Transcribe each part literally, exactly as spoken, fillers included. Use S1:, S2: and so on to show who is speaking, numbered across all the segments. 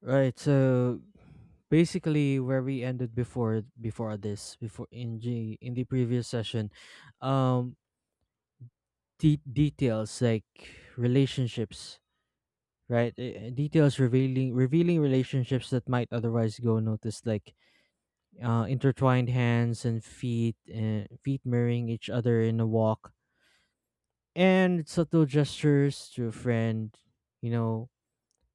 S1: Right. So basically where we ended before before this before in G, in the previous session um de- details like relationships, right. Eh, eh, details revealing revealing relationships that might otherwise go unnoticed, like uh intertwined hands and feet and feet mirroring each other in a walk, and subtle gestures to a friend, you know,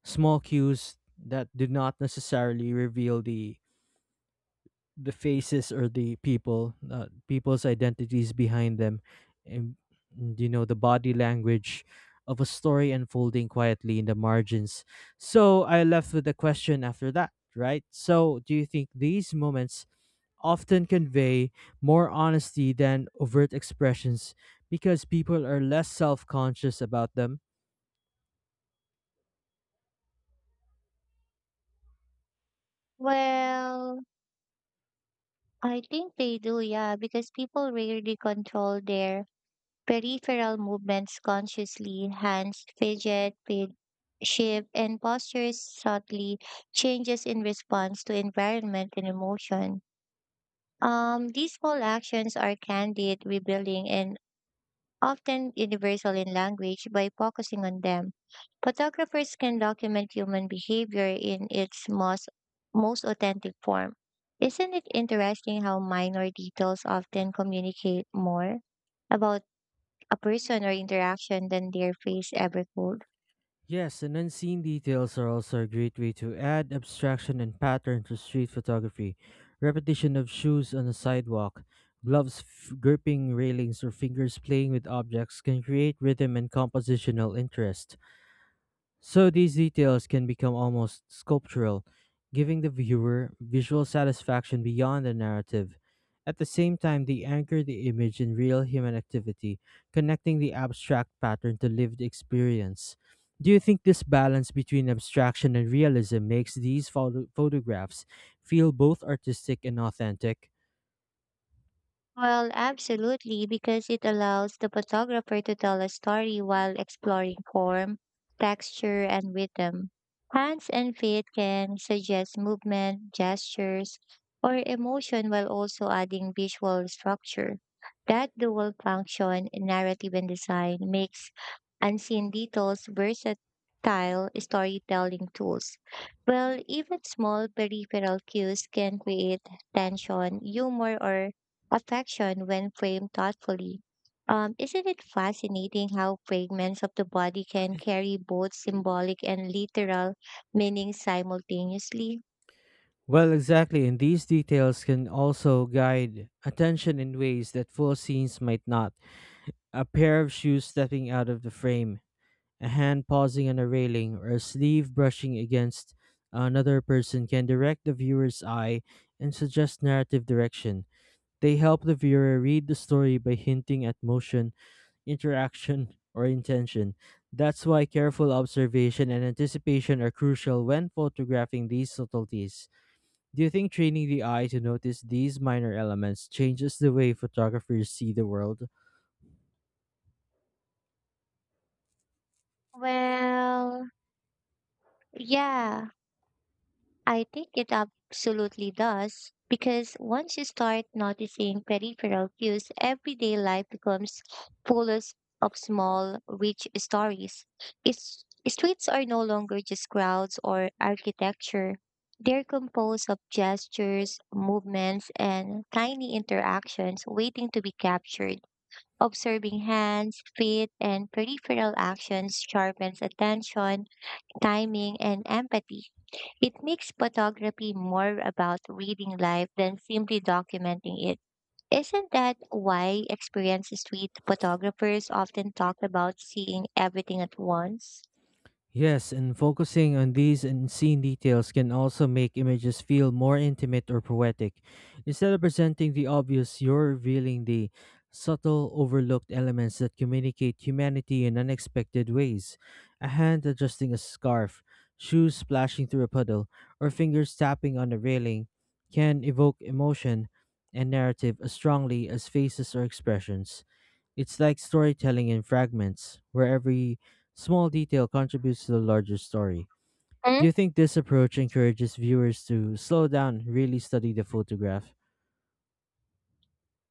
S1: small cues that do not necessarily reveal the the faces or the people uh, people's identities behind them, and and, you know the body language of a story unfolding quietly in the margins. So I left with the question after that, right? So do you think these moments often convey more honesty than overt expressions because people are less self-conscious about them?
S2: Well, I think they do, yeah, because people rarely control their peripheral movements consciously. Hands fidget, fid- shift, and postures subtly changes in response to environment and emotion. Um, these small actions are candid, revealing, and often universal in language, by focusing on them. Photographers can document human behavior in its most, most authentic form. Isn't it interesting how minor details often communicate more about a person or interaction than their face ever could?
S1: Yes, and unseen details are also a great way to add abstraction and pattern to street photography. Repetition of shoes on a sidewalk, gloves f- gripping railings, or fingers playing with objects can create rhythm and compositional interest. So these details can become almost sculptural, giving the viewer visual satisfaction beyond the narrative. At the same time, they anchor the image in real human activity, connecting the abstract pattern to lived experience. Do you think this balance between abstraction and realism makes these photo- photographs feel both artistic and authentic?
S2: Well, absolutely, because it allows the photographer to tell a story while exploring form, texture, and rhythm. Hands and feet can suggest movement, gestures, or emotion while also adding visual structure. That dual function in narrative and design makes unseen details versatile storytelling tools. Well, even small peripheral cues can create tension, humor, or affection when framed thoughtfully. Um, isn't it fascinating how fragments of the body can carry both symbolic and literal meanings simultaneously?
S1: Well, exactly, and these details can also guide attention in ways that full scenes might not. A pair of shoes stepping out of the frame, a hand pausing on a railing, or a sleeve brushing against another person can direct the viewer's eye and suggest narrative direction. They help the viewer read the story by hinting at motion, interaction, or intention. That's why careful observation and anticipation are crucial when photographing these subtleties. Do you think training the eye to notice these minor elements changes the way photographers see the world?
S2: Well, yeah. I think it absolutely does because once you start noticing peripheral cues, everyday life becomes full of of small, rich stories. It's, streets are no longer just crowds or architecture. They're composed of gestures, movements, and tiny interactions waiting to be captured. Observing hands, feet, and peripheral actions sharpens attention timing, and empathy. It makes photography more about reading life than simply documenting it. Isn't that why experienced street photographers often talk about seeing everything at once?
S1: Yes, and focusing on these unseen details can also make images feel more intimate or poetic. Instead of presenting the obvious, you're revealing the subtle, overlooked elements that communicate humanity in unexpected ways. A hand adjusting a scarf, shoes splashing through a puddle, or fingers tapping on a railing can evoke emotion and narrative as strongly as faces or expressions. It's like storytelling in fragments, where every small detail contributes to the larger story. Do
S2: Hmm?
S1: you think this approach encourages viewers to slow down, really study the photograph?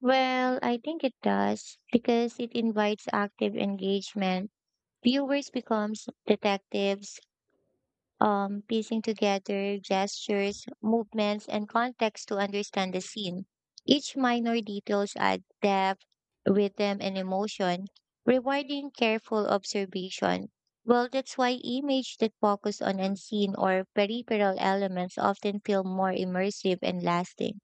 S2: Well, I think it does because it invites active engagement. Viewers becomes detectives, um, piecing together gestures, movements, and context to understand the scene. Each minor details add depth, rhythm, and emotion, rewarding careful observation. Well, that's why images that focus on unseen or peripheral elements often feel more immersive and lasting.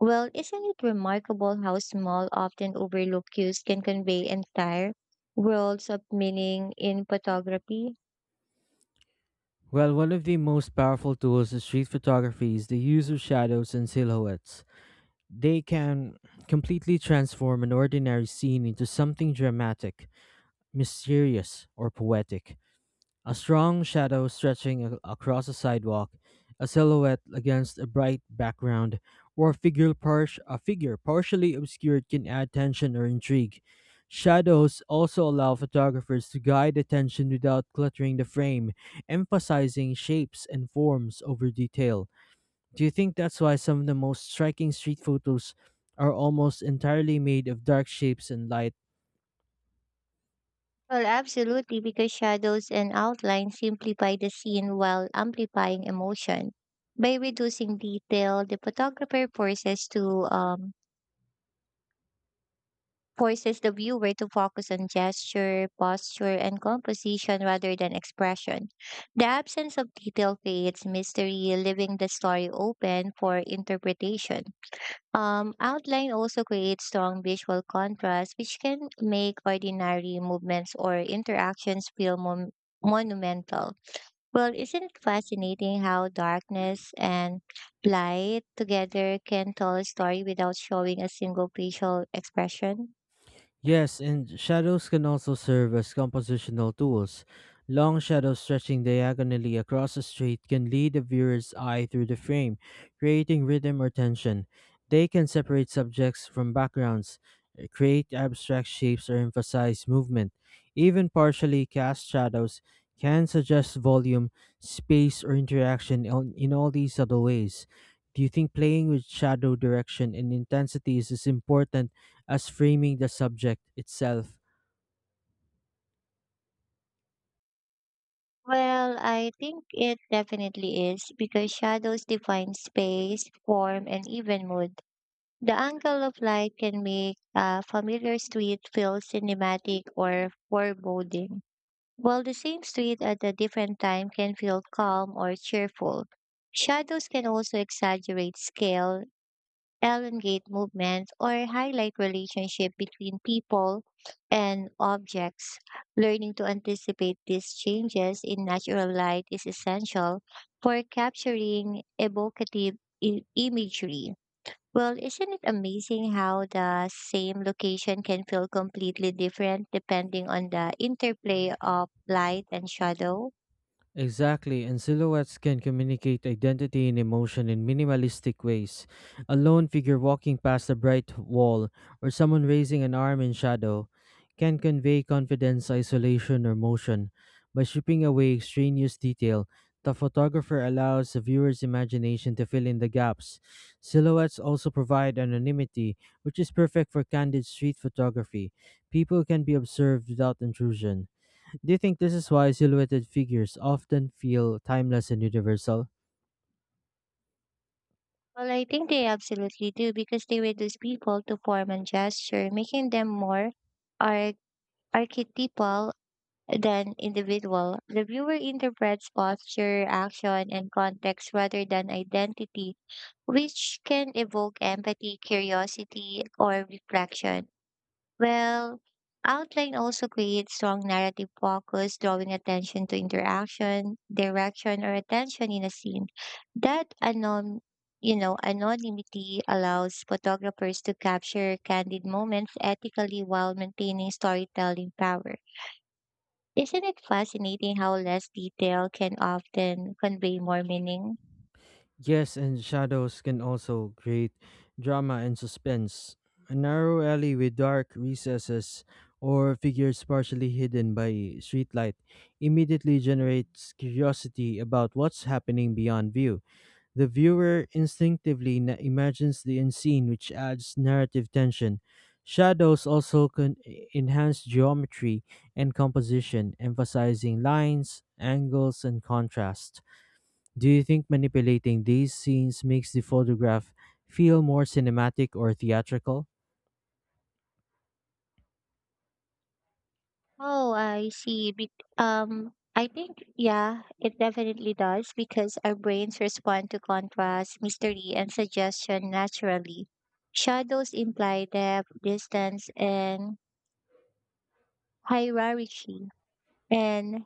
S2: Well, isn't it remarkable how small, often overlooked cues can convey entire worlds of meaning in photography?
S1: Well, one of the most powerful tools of street photography is the use of shadows and silhouettes. They can completely transform an ordinary scene into something dramatic, mysterious, or poetic. A strong shadow stretching a- across a sidewalk, a silhouette against a bright background, or a figure, par- a figure partially obscured can add tension or intrigue. Shadows also allow photographers to guide attention without cluttering the frame, emphasizing shapes and forms over detail. Do you think that's why some of the most striking street photos are almost entirely made of dark shapes and light?
S2: Well, absolutely, because shadows and outlines simplify the scene while amplifying emotion. By reducing detail, the photographer forces to um, forces the viewer to focus on gesture, posture, and composition rather than expression. The absence of detail creates mystery, leaving the story open for interpretation. Um, outline also creates strong visual contrast, which can make ordinary movements or interactions feel mon- monumental. Well, isn't it fascinating how darkness and light together can tell a story without showing a single facial expression?
S1: Yes, and shadows can also serve as compositional tools. Long shadows stretching diagonally across a street can lead the viewer's eye through the frame, creating rhythm or tension. They can separate subjects from backgrounds, uh, create abstract shapes, or emphasize movement. Even partially cast shadows can suggest volume, space, or interaction on- in all these subtle ways. Do you think playing with shadow direction and intensity is as important as framing the subject itself?
S2: Well, I think it definitely is because shadows define space, form, and even mood. The angle of light can make a familiar street feel cinematic or foreboding, while the same street at a different time can feel calm or cheerful. Shadows can also exaggerate scale, elongate movements, or highlight relationship between people and objects. Learning to anticipate these changes in natural light is essential for capturing evocative i- imagery. Well, isn't it amazing how the same location can feel completely different depending on the interplay of light and shadow?
S1: Exactly, and silhouettes can communicate identity and emotion in minimalistic ways. A lone figure walking past a bright wall, or someone raising an arm in shadow, can convey confidence, isolation, or motion. By stripping away extraneous detail, the photographer allows the viewer's imagination to fill in the gaps. Silhouettes also provide anonymity, which is perfect for candid street photography. People can be observed without intrusion. Do you think this is why silhouetted figures often feel timeless and universal?
S2: Well, I think they absolutely do because they reduce people to form and gesture, making them more arch- archetypal than individual. The viewer interprets posture, action, and context rather than identity, which can evoke empathy, curiosity, or reflection. Well, outline also creates strong narrative focus, drawing attention to interaction, direction, or attention in a scene. That anon, you know, anonymity allows photographers to capture candid moments ethically while maintaining storytelling power. Isn't it fascinating how less detail can often convey more meaning?
S1: Yes, and shadows can also create drama and suspense. A narrow alley with dark recesses or figures partially hidden by streetlight immediately generates curiosity about what's happening beyond view. The viewer instinctively na- imagines the unseen, which adds narrative tension. Shadows also can enhance geometry and composition, emphasizing lines, angles, and contrast. Do you think manipulating these scenes makes the photograph feel more cinematic or theatrical?
S2: Oh, I see. Bec um, I think, yeah, it definitely does because our brains respond to contrast, mystery, and suggestion naturally. Shadows imply depth, distance, and hierarchy, and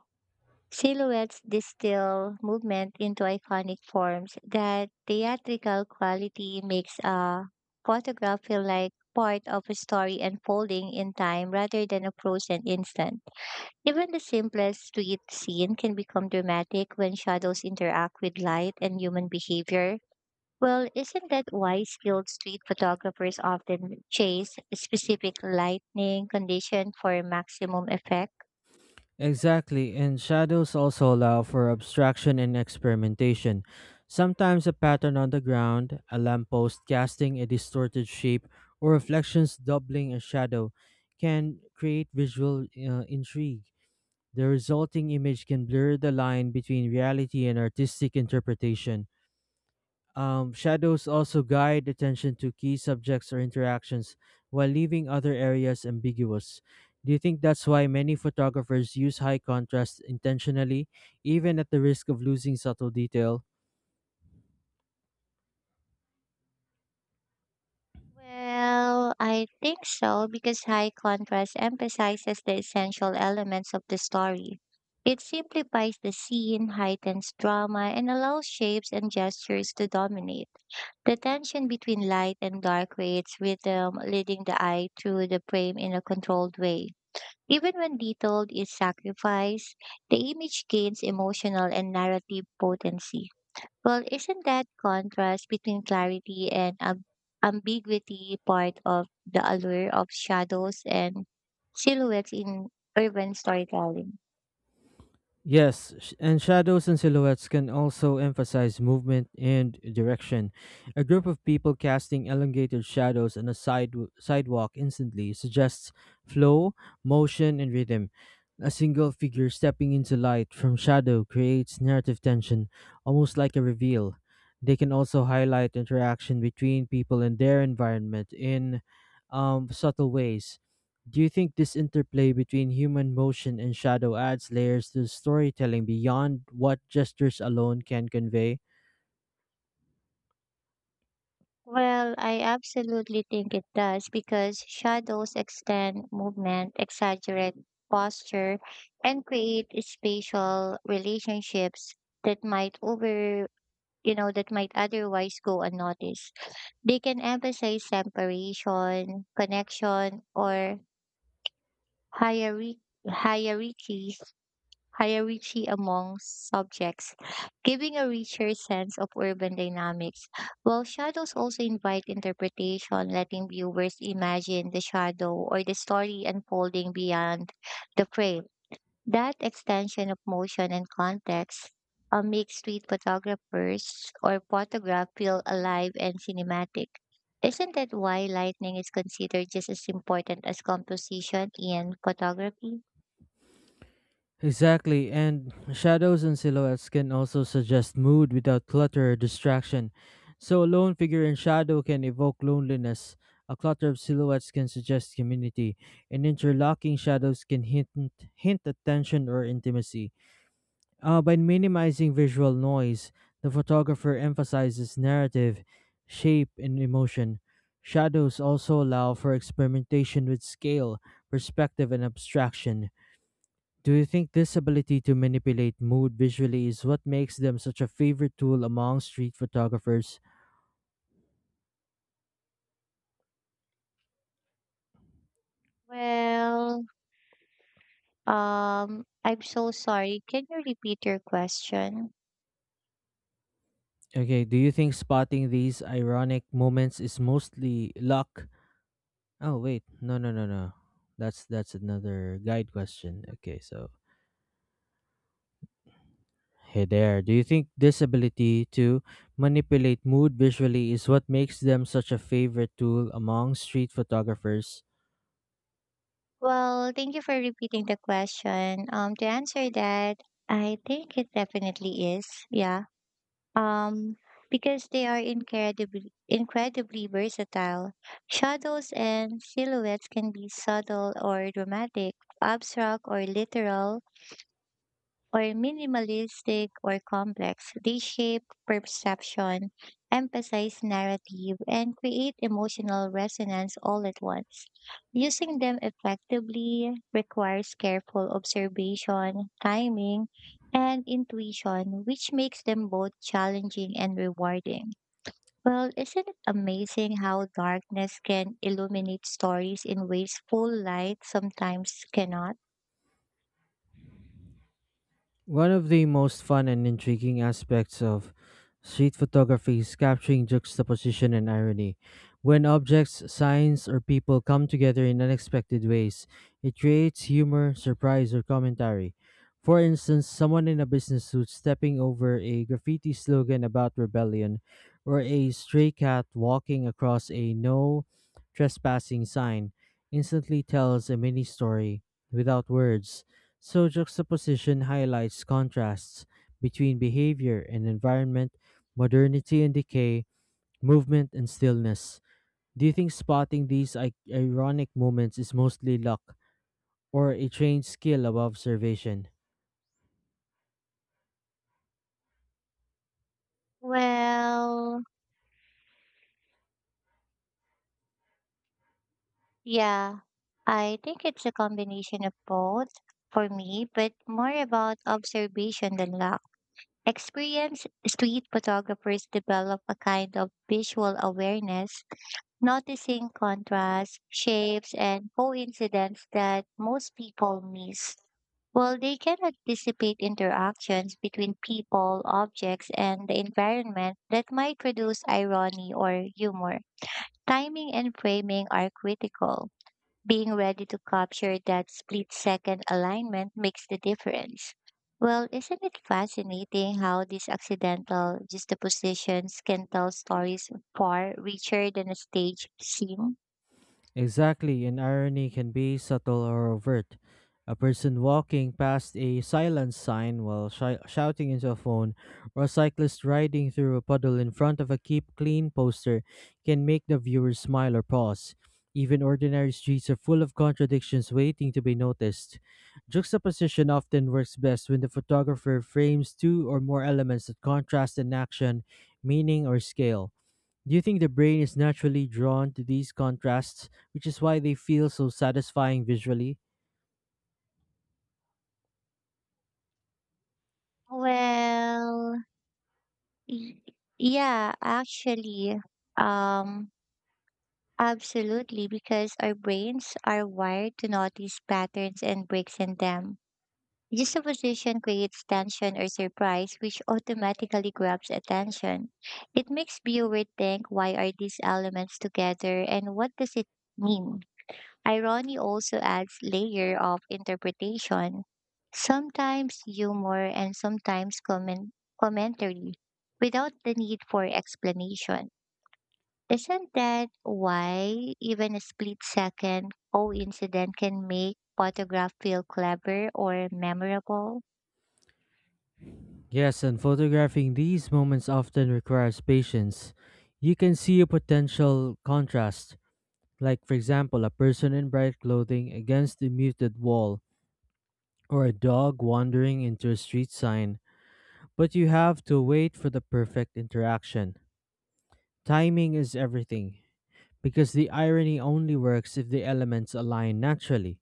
S2: silhouettes distill movement into iconic forms. That theatrical quality makes a photograph feel like part of a story unfolding in time rather than a frozen instant. Even the simplest street scene can become dramatic when shadows interact with light and human behavior. Well, isn't that why skilled street photographers often chase specific lighting condition for maximum effect?
S1: Exactly, and shadows also allow for abstraction and experimentation. Sometimes a pattern on the ground, a lamppost casting a distorted shape, or reflections doubling a shadow can create visual uh, intrigue. The resulting image can blur the line between reality and artistic interpretation. Um, shadows also guide attention to key subjects or interactions while leaving other areas ambiguous. Do you think that's why many photographers use high contrast intentionally, even at the risk of losing subtle detail?
S2: Well, I think so because high contrast emphasizes the essential elements of the story. It simplifies the scene, heightens drama, and allows shapes and gestures to dominate. The tension between light and dark creates rhythm, leading the eye through the frame in a controlled way. Even when detail is sacrificed, the image gains emotional and narrative potency. Well, isn't that contrast between clarity and am- ambiguity part of the allure of shadows and silhouettes in urban storytelling?
S1: Yes, sh- and shadows and silhouettes can also emphasize movement and direction. A group of people casting elongated shadows on a side- sidewalk instantly suggests flow, motion, and rhythm. A single figure stepping into light from shadow creates narrative tension, almost like a reveal. They can also highlight interaction between people and their environment in um, subtle ways. Do you think this interplay between human motion and shadow adds layers to storytelling beyond what gestures alone can convey?
S2: Well, I absolutely think it does because shadows extend movement, exaggerate posture, and create spatial relationships that might over, you know, that might otherwise go unnoticed. They can emphasize separation, connection, or hierarchy, hierarchy hierarchy among subjects, giving a richer sense of urban dynamics. While shadows also invite interpretation, letting viewers imagine the shadow or the story unfolding beyond the frame. That extension of motion and context uh, makes street photographers or photograph feel alive and cinematic. Isn't that why lightning is considered just as important as composition in photography?
S1: Exactly, and shadows and silhouettes can also suggest mood without clutter or distraction. So, a lone figure in shadow can evoke loneliness. A clutter of silhouettes can suggest community, and interlocking shadows can hint, hint at tension or intimacy. Uh, by minimizing visual noise, the photographer emphasizes narrative, shape, and emotion. Shadows also allow for experimentation with scale, perspective, and abstraction. Do you think this ability to manipulate mood visually is what makes them such a favorite tool among street photographers?
S2: Well, Um, I'm so sorry. Can you repeat your question?
S1: Okay, do you think spotting these ironic moments is mostly luck? Oh wait, no no no no. That's that's another guide question. Okay, so hey there, do you think this ability to manipulate mood visually is what makes them such a favorite tool among street photographers?
S2: Well, thank you for repeating the question. Um, to answer that, I think it definitely is. Yeah. Um, because they are incredibly incredibly versatile. Shadows and silhouettes can be subtle or dramatic, abstract or literal, or minimalistic or complex, they shape perception, emphasize narrative, and create emotional resonance all at once. Using them effectively requires careful observation, timing, and intuition, which makes them both challenging and rewarding. Well, isn't it amazing how darkness can illuminate stories in ways full light sometimes cannot?
S1: One of the most fun and intriguing aspects of street photography is capturing juxtaposition and irony. When objects, signs, or people come together in unexpected ways, it creates humor, surprise, or commentary. For instance, someone in a business suit stepping over a graffiti slogan about rebellion, or a stray cat walking across a no trespassing sign, instantly tells a mini story without words. So, juxtaposition highlights contrasts between behavior and environment, modernity and decay, movement and stillness. Do you think spotting these I- ironic moments is mostly luck or a trained skill above observation?
S2: Well, yeah, I think it's a combination of both for me, but more about observation than luck. Experienced street photographers develop a kind of visual awareness, noticing contrasts, shapes, and coincidence that most people miss. While they can anticipate interactions between people, objects, and the environment that might produce irony or humor. Timing and framing are critical being ready to capture that split second alignment makes the difference. Well, isn't it fascinating how these accidental juxtapositions can tell stories far richer than a stage scene?
S1: Exactly, and irony can be subtle or overt. A person walking past a silence sign while shi- shouting into a phone, or a cyclist riding through a puddle in front of a keep clean poster can make the viewer smile or pause. Even ordinary streets are full of contradictions waiting to be noticed. Juxtaposition often works best when the photographer frames two or more elements that contrast in action, meaning, or scale. Do you think the brain is naturally drawn to these contrasts, which is why they feel so satisfying visually?
S2: Well, y- yeah, actually, um, absolutely, because our brains are wired to notice patterns and breaks in them. This supposition creates tension or surprise, which automatically grabs attention. It makes viewer think why are these elements together and what does it mean? Irony also adds layer of interpretation, sometimes humor and sometimes comment- commentary, without the need for explanation. Isn't that why even a split second coincidence can make photograph feel clever or memorable?
S1: Yes, and photographing these moments often requires patience. You can see a potential contrast, like, for example, a person in bright clothing against a muted wall, or a dog wandering into a street sign, but you have to wait for the perfect interaction. Timing is everything, because the irony only works if the elements align naturally.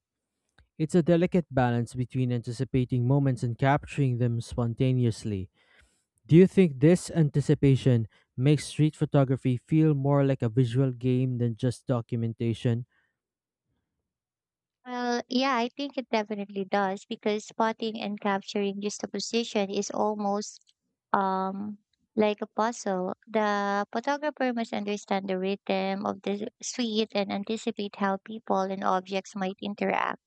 S1: It's a delicate balance between anticipating moments and capturing them spontaneously. Do you think this anticipation makes street photography feel more like a visual game than just documentation?
S2: Well, yeah, I think it definitely does because spotting and capturing juxtaposition is almost um like a puzzle. The photographer must understand the rhythm of the suite and anticipate how people and objects might interact.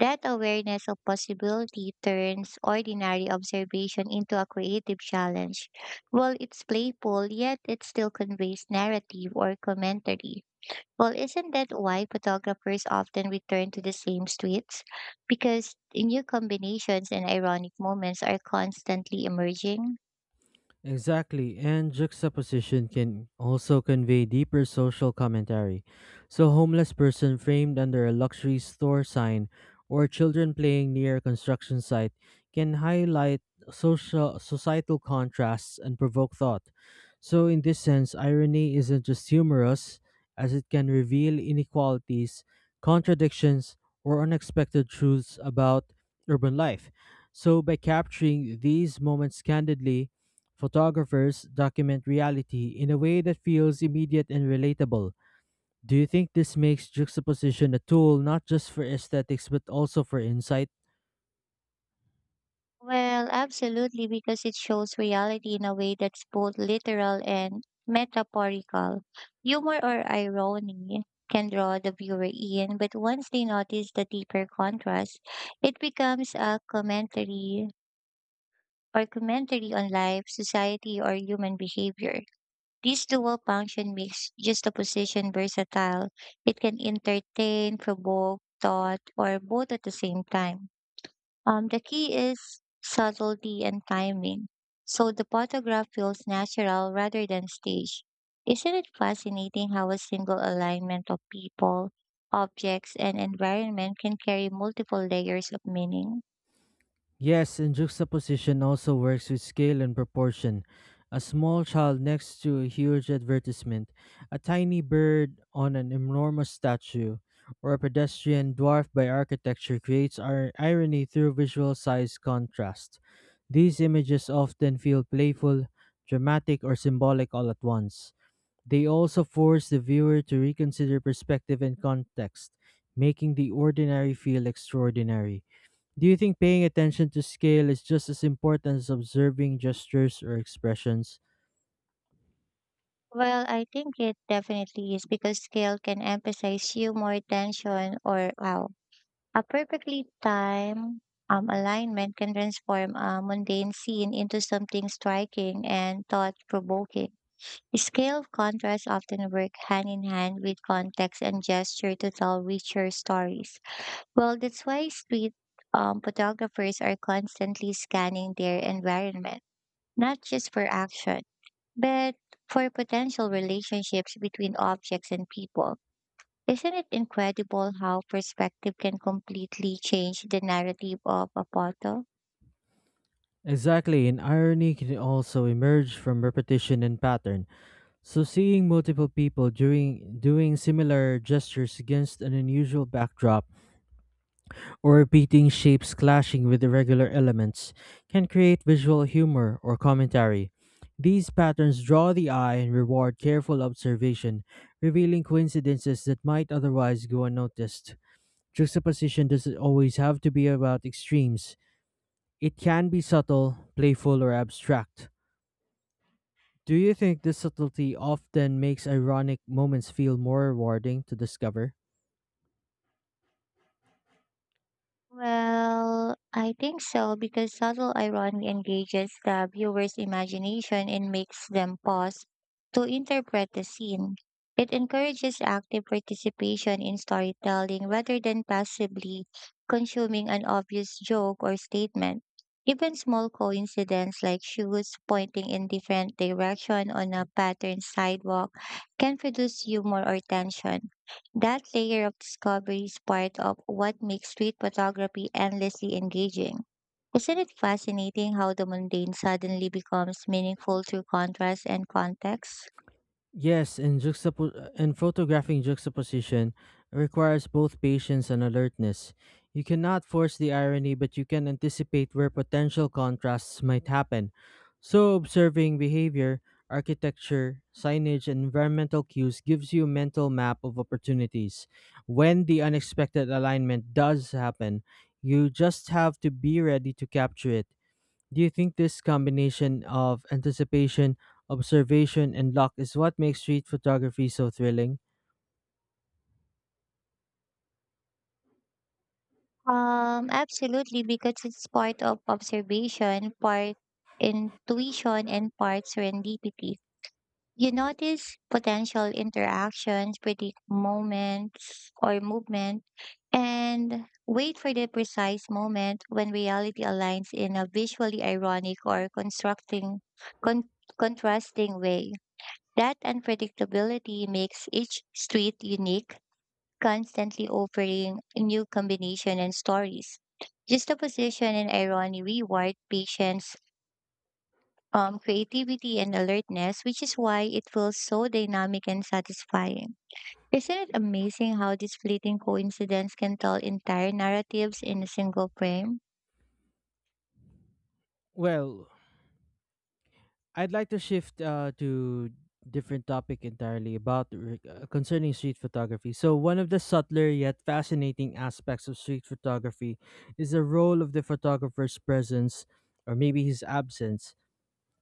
S2: That awareness of possibility turns ordinary observation into a creative challenge. Well, it's playful, yet it still conveys narrative or commentary. Well, isn't that why photographers often return to the same streets? Because new combinations and ironic moments are constantly emerging?
S1: Exactly, and juxtaposition can also convey deeper social commentary. So, homeless person framed under a luxury store sign or children playing near a construction site can highlight social societal contrasts and provoke thought. So, in this sense, irony isn't just humorous, as it can reveal inequalities, contradictions, or unexpected truths about urban life. So, by capturing these moments candidly, photographers document reality in a way that feels immediate and relatable. Do you think this makes juxtaposition a tool not just for aesthetics but also for insight?
S2: Well, absolutely, because it shows reality in a way that's both literal and metaphorical. Humor or irony can draw the viewer in, but once they notice the deeper contrast, it becomes a commentary or commentary on life, society, or human behavior. This dual function makes juxtaposition versatile. It can entertain, provoke, thought, or both at the same time. Um, the key is subtlety and timing. So the photograph feels natural rather than staged. Isn't it fascinating how a single alignment of people, objects, and environment can carry multiple layers of meaning?
S1: Yes, and juxtaposition also works with scale and proportion. A small child next to a huge advertisement, a tiny bird on an enormous statue, or a pedestrian dwarfed by architecture creates ir- irony through visual size contrast. These images often feel playful, dramatic, or symbolic all at once. They also force the viewer to reconsider perspective and context, making the ordinary feel extraordinary. Do you think paying attention to scale is just as important as observing gestures or expressions?
S2: Well, I think it definitely is because scale can emphasize humor, tension, or wow. A perfectly timed um, alignment can transform a mundane scene into something striking and thought provoking. Scale contrasts often work hand in hand with context and gesture to tell richer stories. Well, that's why street um, photographers are constantly scanning their environment, not just for action, but for potential relationships between objects and people. Isn't it incredible how perspective can completely change the narrative of a photo?
S1: Exactly, and irony can also emerge from repetition and pattern. So, seeing multiple people doing, doing similar gestures against an unusual backdrop or repeating shapes clashing with irregular elements can create visual humor or commentary. These patterns draw the eye and reward careful observation, revealing coincidences that might otherwise go unnoticed. Juxtaposition doesn't always have to be about extremes. It can be subtle, playful, or abstract. Do you think this subtlety often makes ironic moments feel more rewarding to discover?
S2: Well, I think so because subtle irony engages the viewer's imagination and makes them pause to interpret the scene. It encourages active participation in storytelling rather than passively consuming an obvious joke or statement. Even small coincidences like shoes pointing in different direction on a patterned sidewalk can produce humor or tension. That layer of discovery is part of what makes street photography endlessly engaging. Isn't it fascinating how the mundane suddenly becomes meaningful through contrast and context?
S1: Yes, and juxtapo- uh, and photographing juxtaposition requires both patience and alertness. You cannot force the irony, but you can anticipate where potential contrasts might happen. So, observing behavior, architecture, signage, and environmental cues gives you a mental map of opportunities. When the unexpected alignment does happen, you just have to be ready to capture it. Do you think this combination of anticipation, observation, and luck is what makes street photography so thrilling?
S2: Um, absolutely, because it's part of observation, part intuition, and part serendipity. You notice potential interactions, predict moments or movement, and wait for the precise moment when reality aligns in a visually ironic or constructing con- contrasting way. That unpredictability makes each street unique, constantly offering new combination and stories. Juxtaposition and irony reward patience um, creativity and alertness, which is why it feels so dynamic and satisfying. Isn't it amazing how this fleeting coincidence can tell entire narratives in a single frame?
S1: Well, I'd like to shift uh, to different topic entirely about re- uh, concerning street photography. So one of the subtler yet fascinating aspects of street photography is the role of the photographer's presence or maybe his absence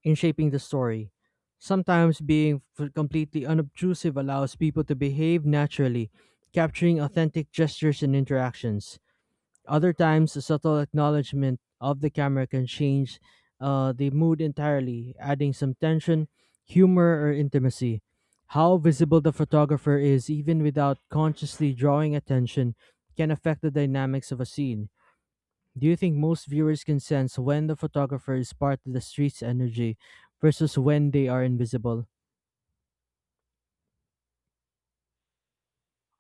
S1: in shaping the story. Sometimes being f- completely unobtrusive allows people to behave naturally, capturing authentic gestures and interactions. Other times, a subtle acknowledgement of the camera can change uh, the mood entirely, adding some tension, humor, or intimacy. How visible the photographer is, even without consciously drawing attention, can affect the dynamics of a scene. Do you think most viewers can sense when the photographer is part of the street's energy versus when they are invisible?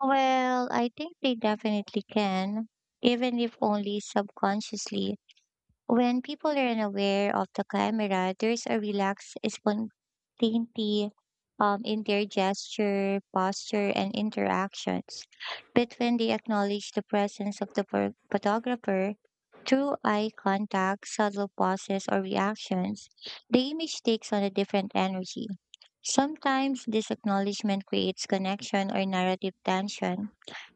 S2: Well, I think they definitely can, even if only subconsciously. When people are unaware of the camera, there's a relaxed spontaneity um, in their gesture, posture, and interactions. But when they acknowledge the presence of the pho- photographer through eye contact, subtle pauses, or reactions, the image takes on a different energy. Sometimes this acknowledgement creates connection or narrative tension,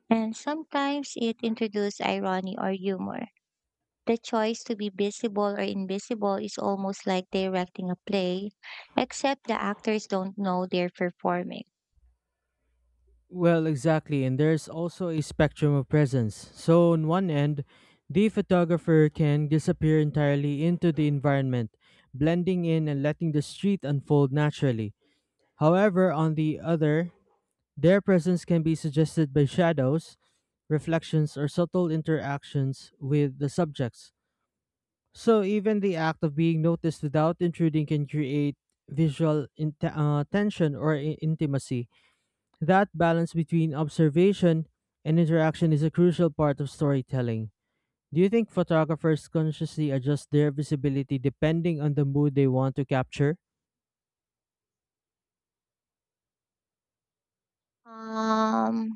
S2: and sometimes it introduces irony or humor. The choice to be visible or invisible is almost like directing a play, except the actors don't know they're performing.
S1: Well, exactly, and there's also a spectrum of presence. So, on one end, the photographer can disappear entirely into the environment, blending in and letting the street unfold naturally. However, on the other, their presence can be suggested by shadows, reflections, or subtle interactions with the subjects. So even the act of being noticed without intruding can create visual in- uh, tension or i- intimacy. That balance between observation and interaction is a crucial part of storytelling. Do you think photographers consciously adjust their visibility depending on the mood they want to capture?
S2: Um,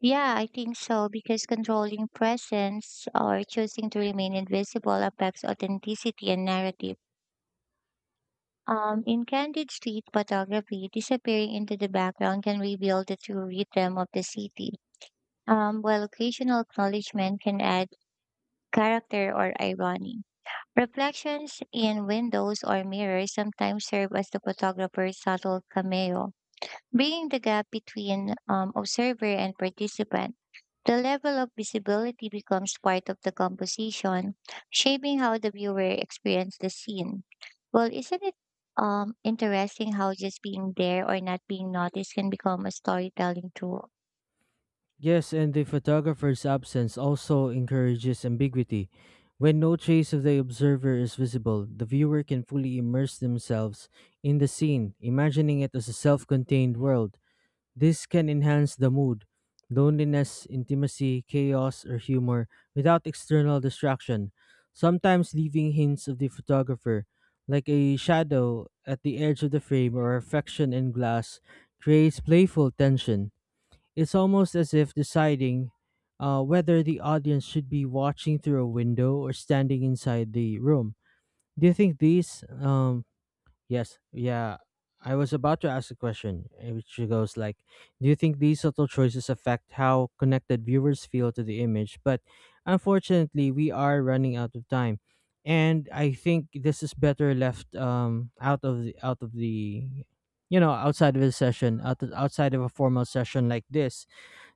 S2: yeah, I think so because controlling presence or choosing to remain invisible affects authenticity and narrative. Um, in candid street photography, disappearing into the background can reveal the true rhythm of the city, um, while occasional acknowledgement can add character or irony. Reflections in windows or mirrors sometimes serve as the photographer's subtle cameo, bringing the gap between um, observer and participant. The level of visibility becomes part of the composition, shaping how the viewer experiences the scene. Well, isn't it um, interesting how just being there or not being noticed can become a storytelling tool?
S1: Yes, and the photographer's absence also encourages ambiguity. When no trace of the observer is visible, the viewer can fully immerse themselves in the scene, imagining it as a self contained world. This can enhance the mood, loneliness, intimacy, chaos, or humor without external distraction, sometimes leaving hints of the photographer, like a shadow at the edge of the frame or a reflection in glass, creates playful tension. It's almost as if deciding uh, whether the audience should be watching through a window or standing inside the room. Do you think these? Um, yes, yeah. I was about to ask a question, eh, which goes like, "Do you think these subtle choices affect how connected viewers feel to the image?" But unfortunately, we are running out of time, and I think this is better left um, out of the out of the you know outside of the session out outside of a formal session like this,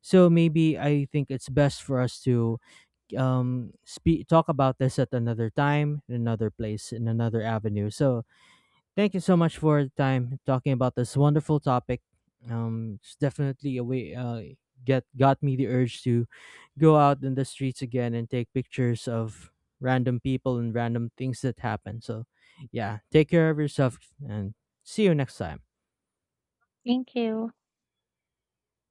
S1: so maybe I think it's best for us to um speak talk about this at another time, in another place, in another avenue. So thank you so much for the time talking about this wonderful topic. Um, it's definitely a way uh get got me the urge to go out in the streets again and take pictures of random people and random things that happen. So yeah, take care of yourself and see you next time.
S2: Thank you.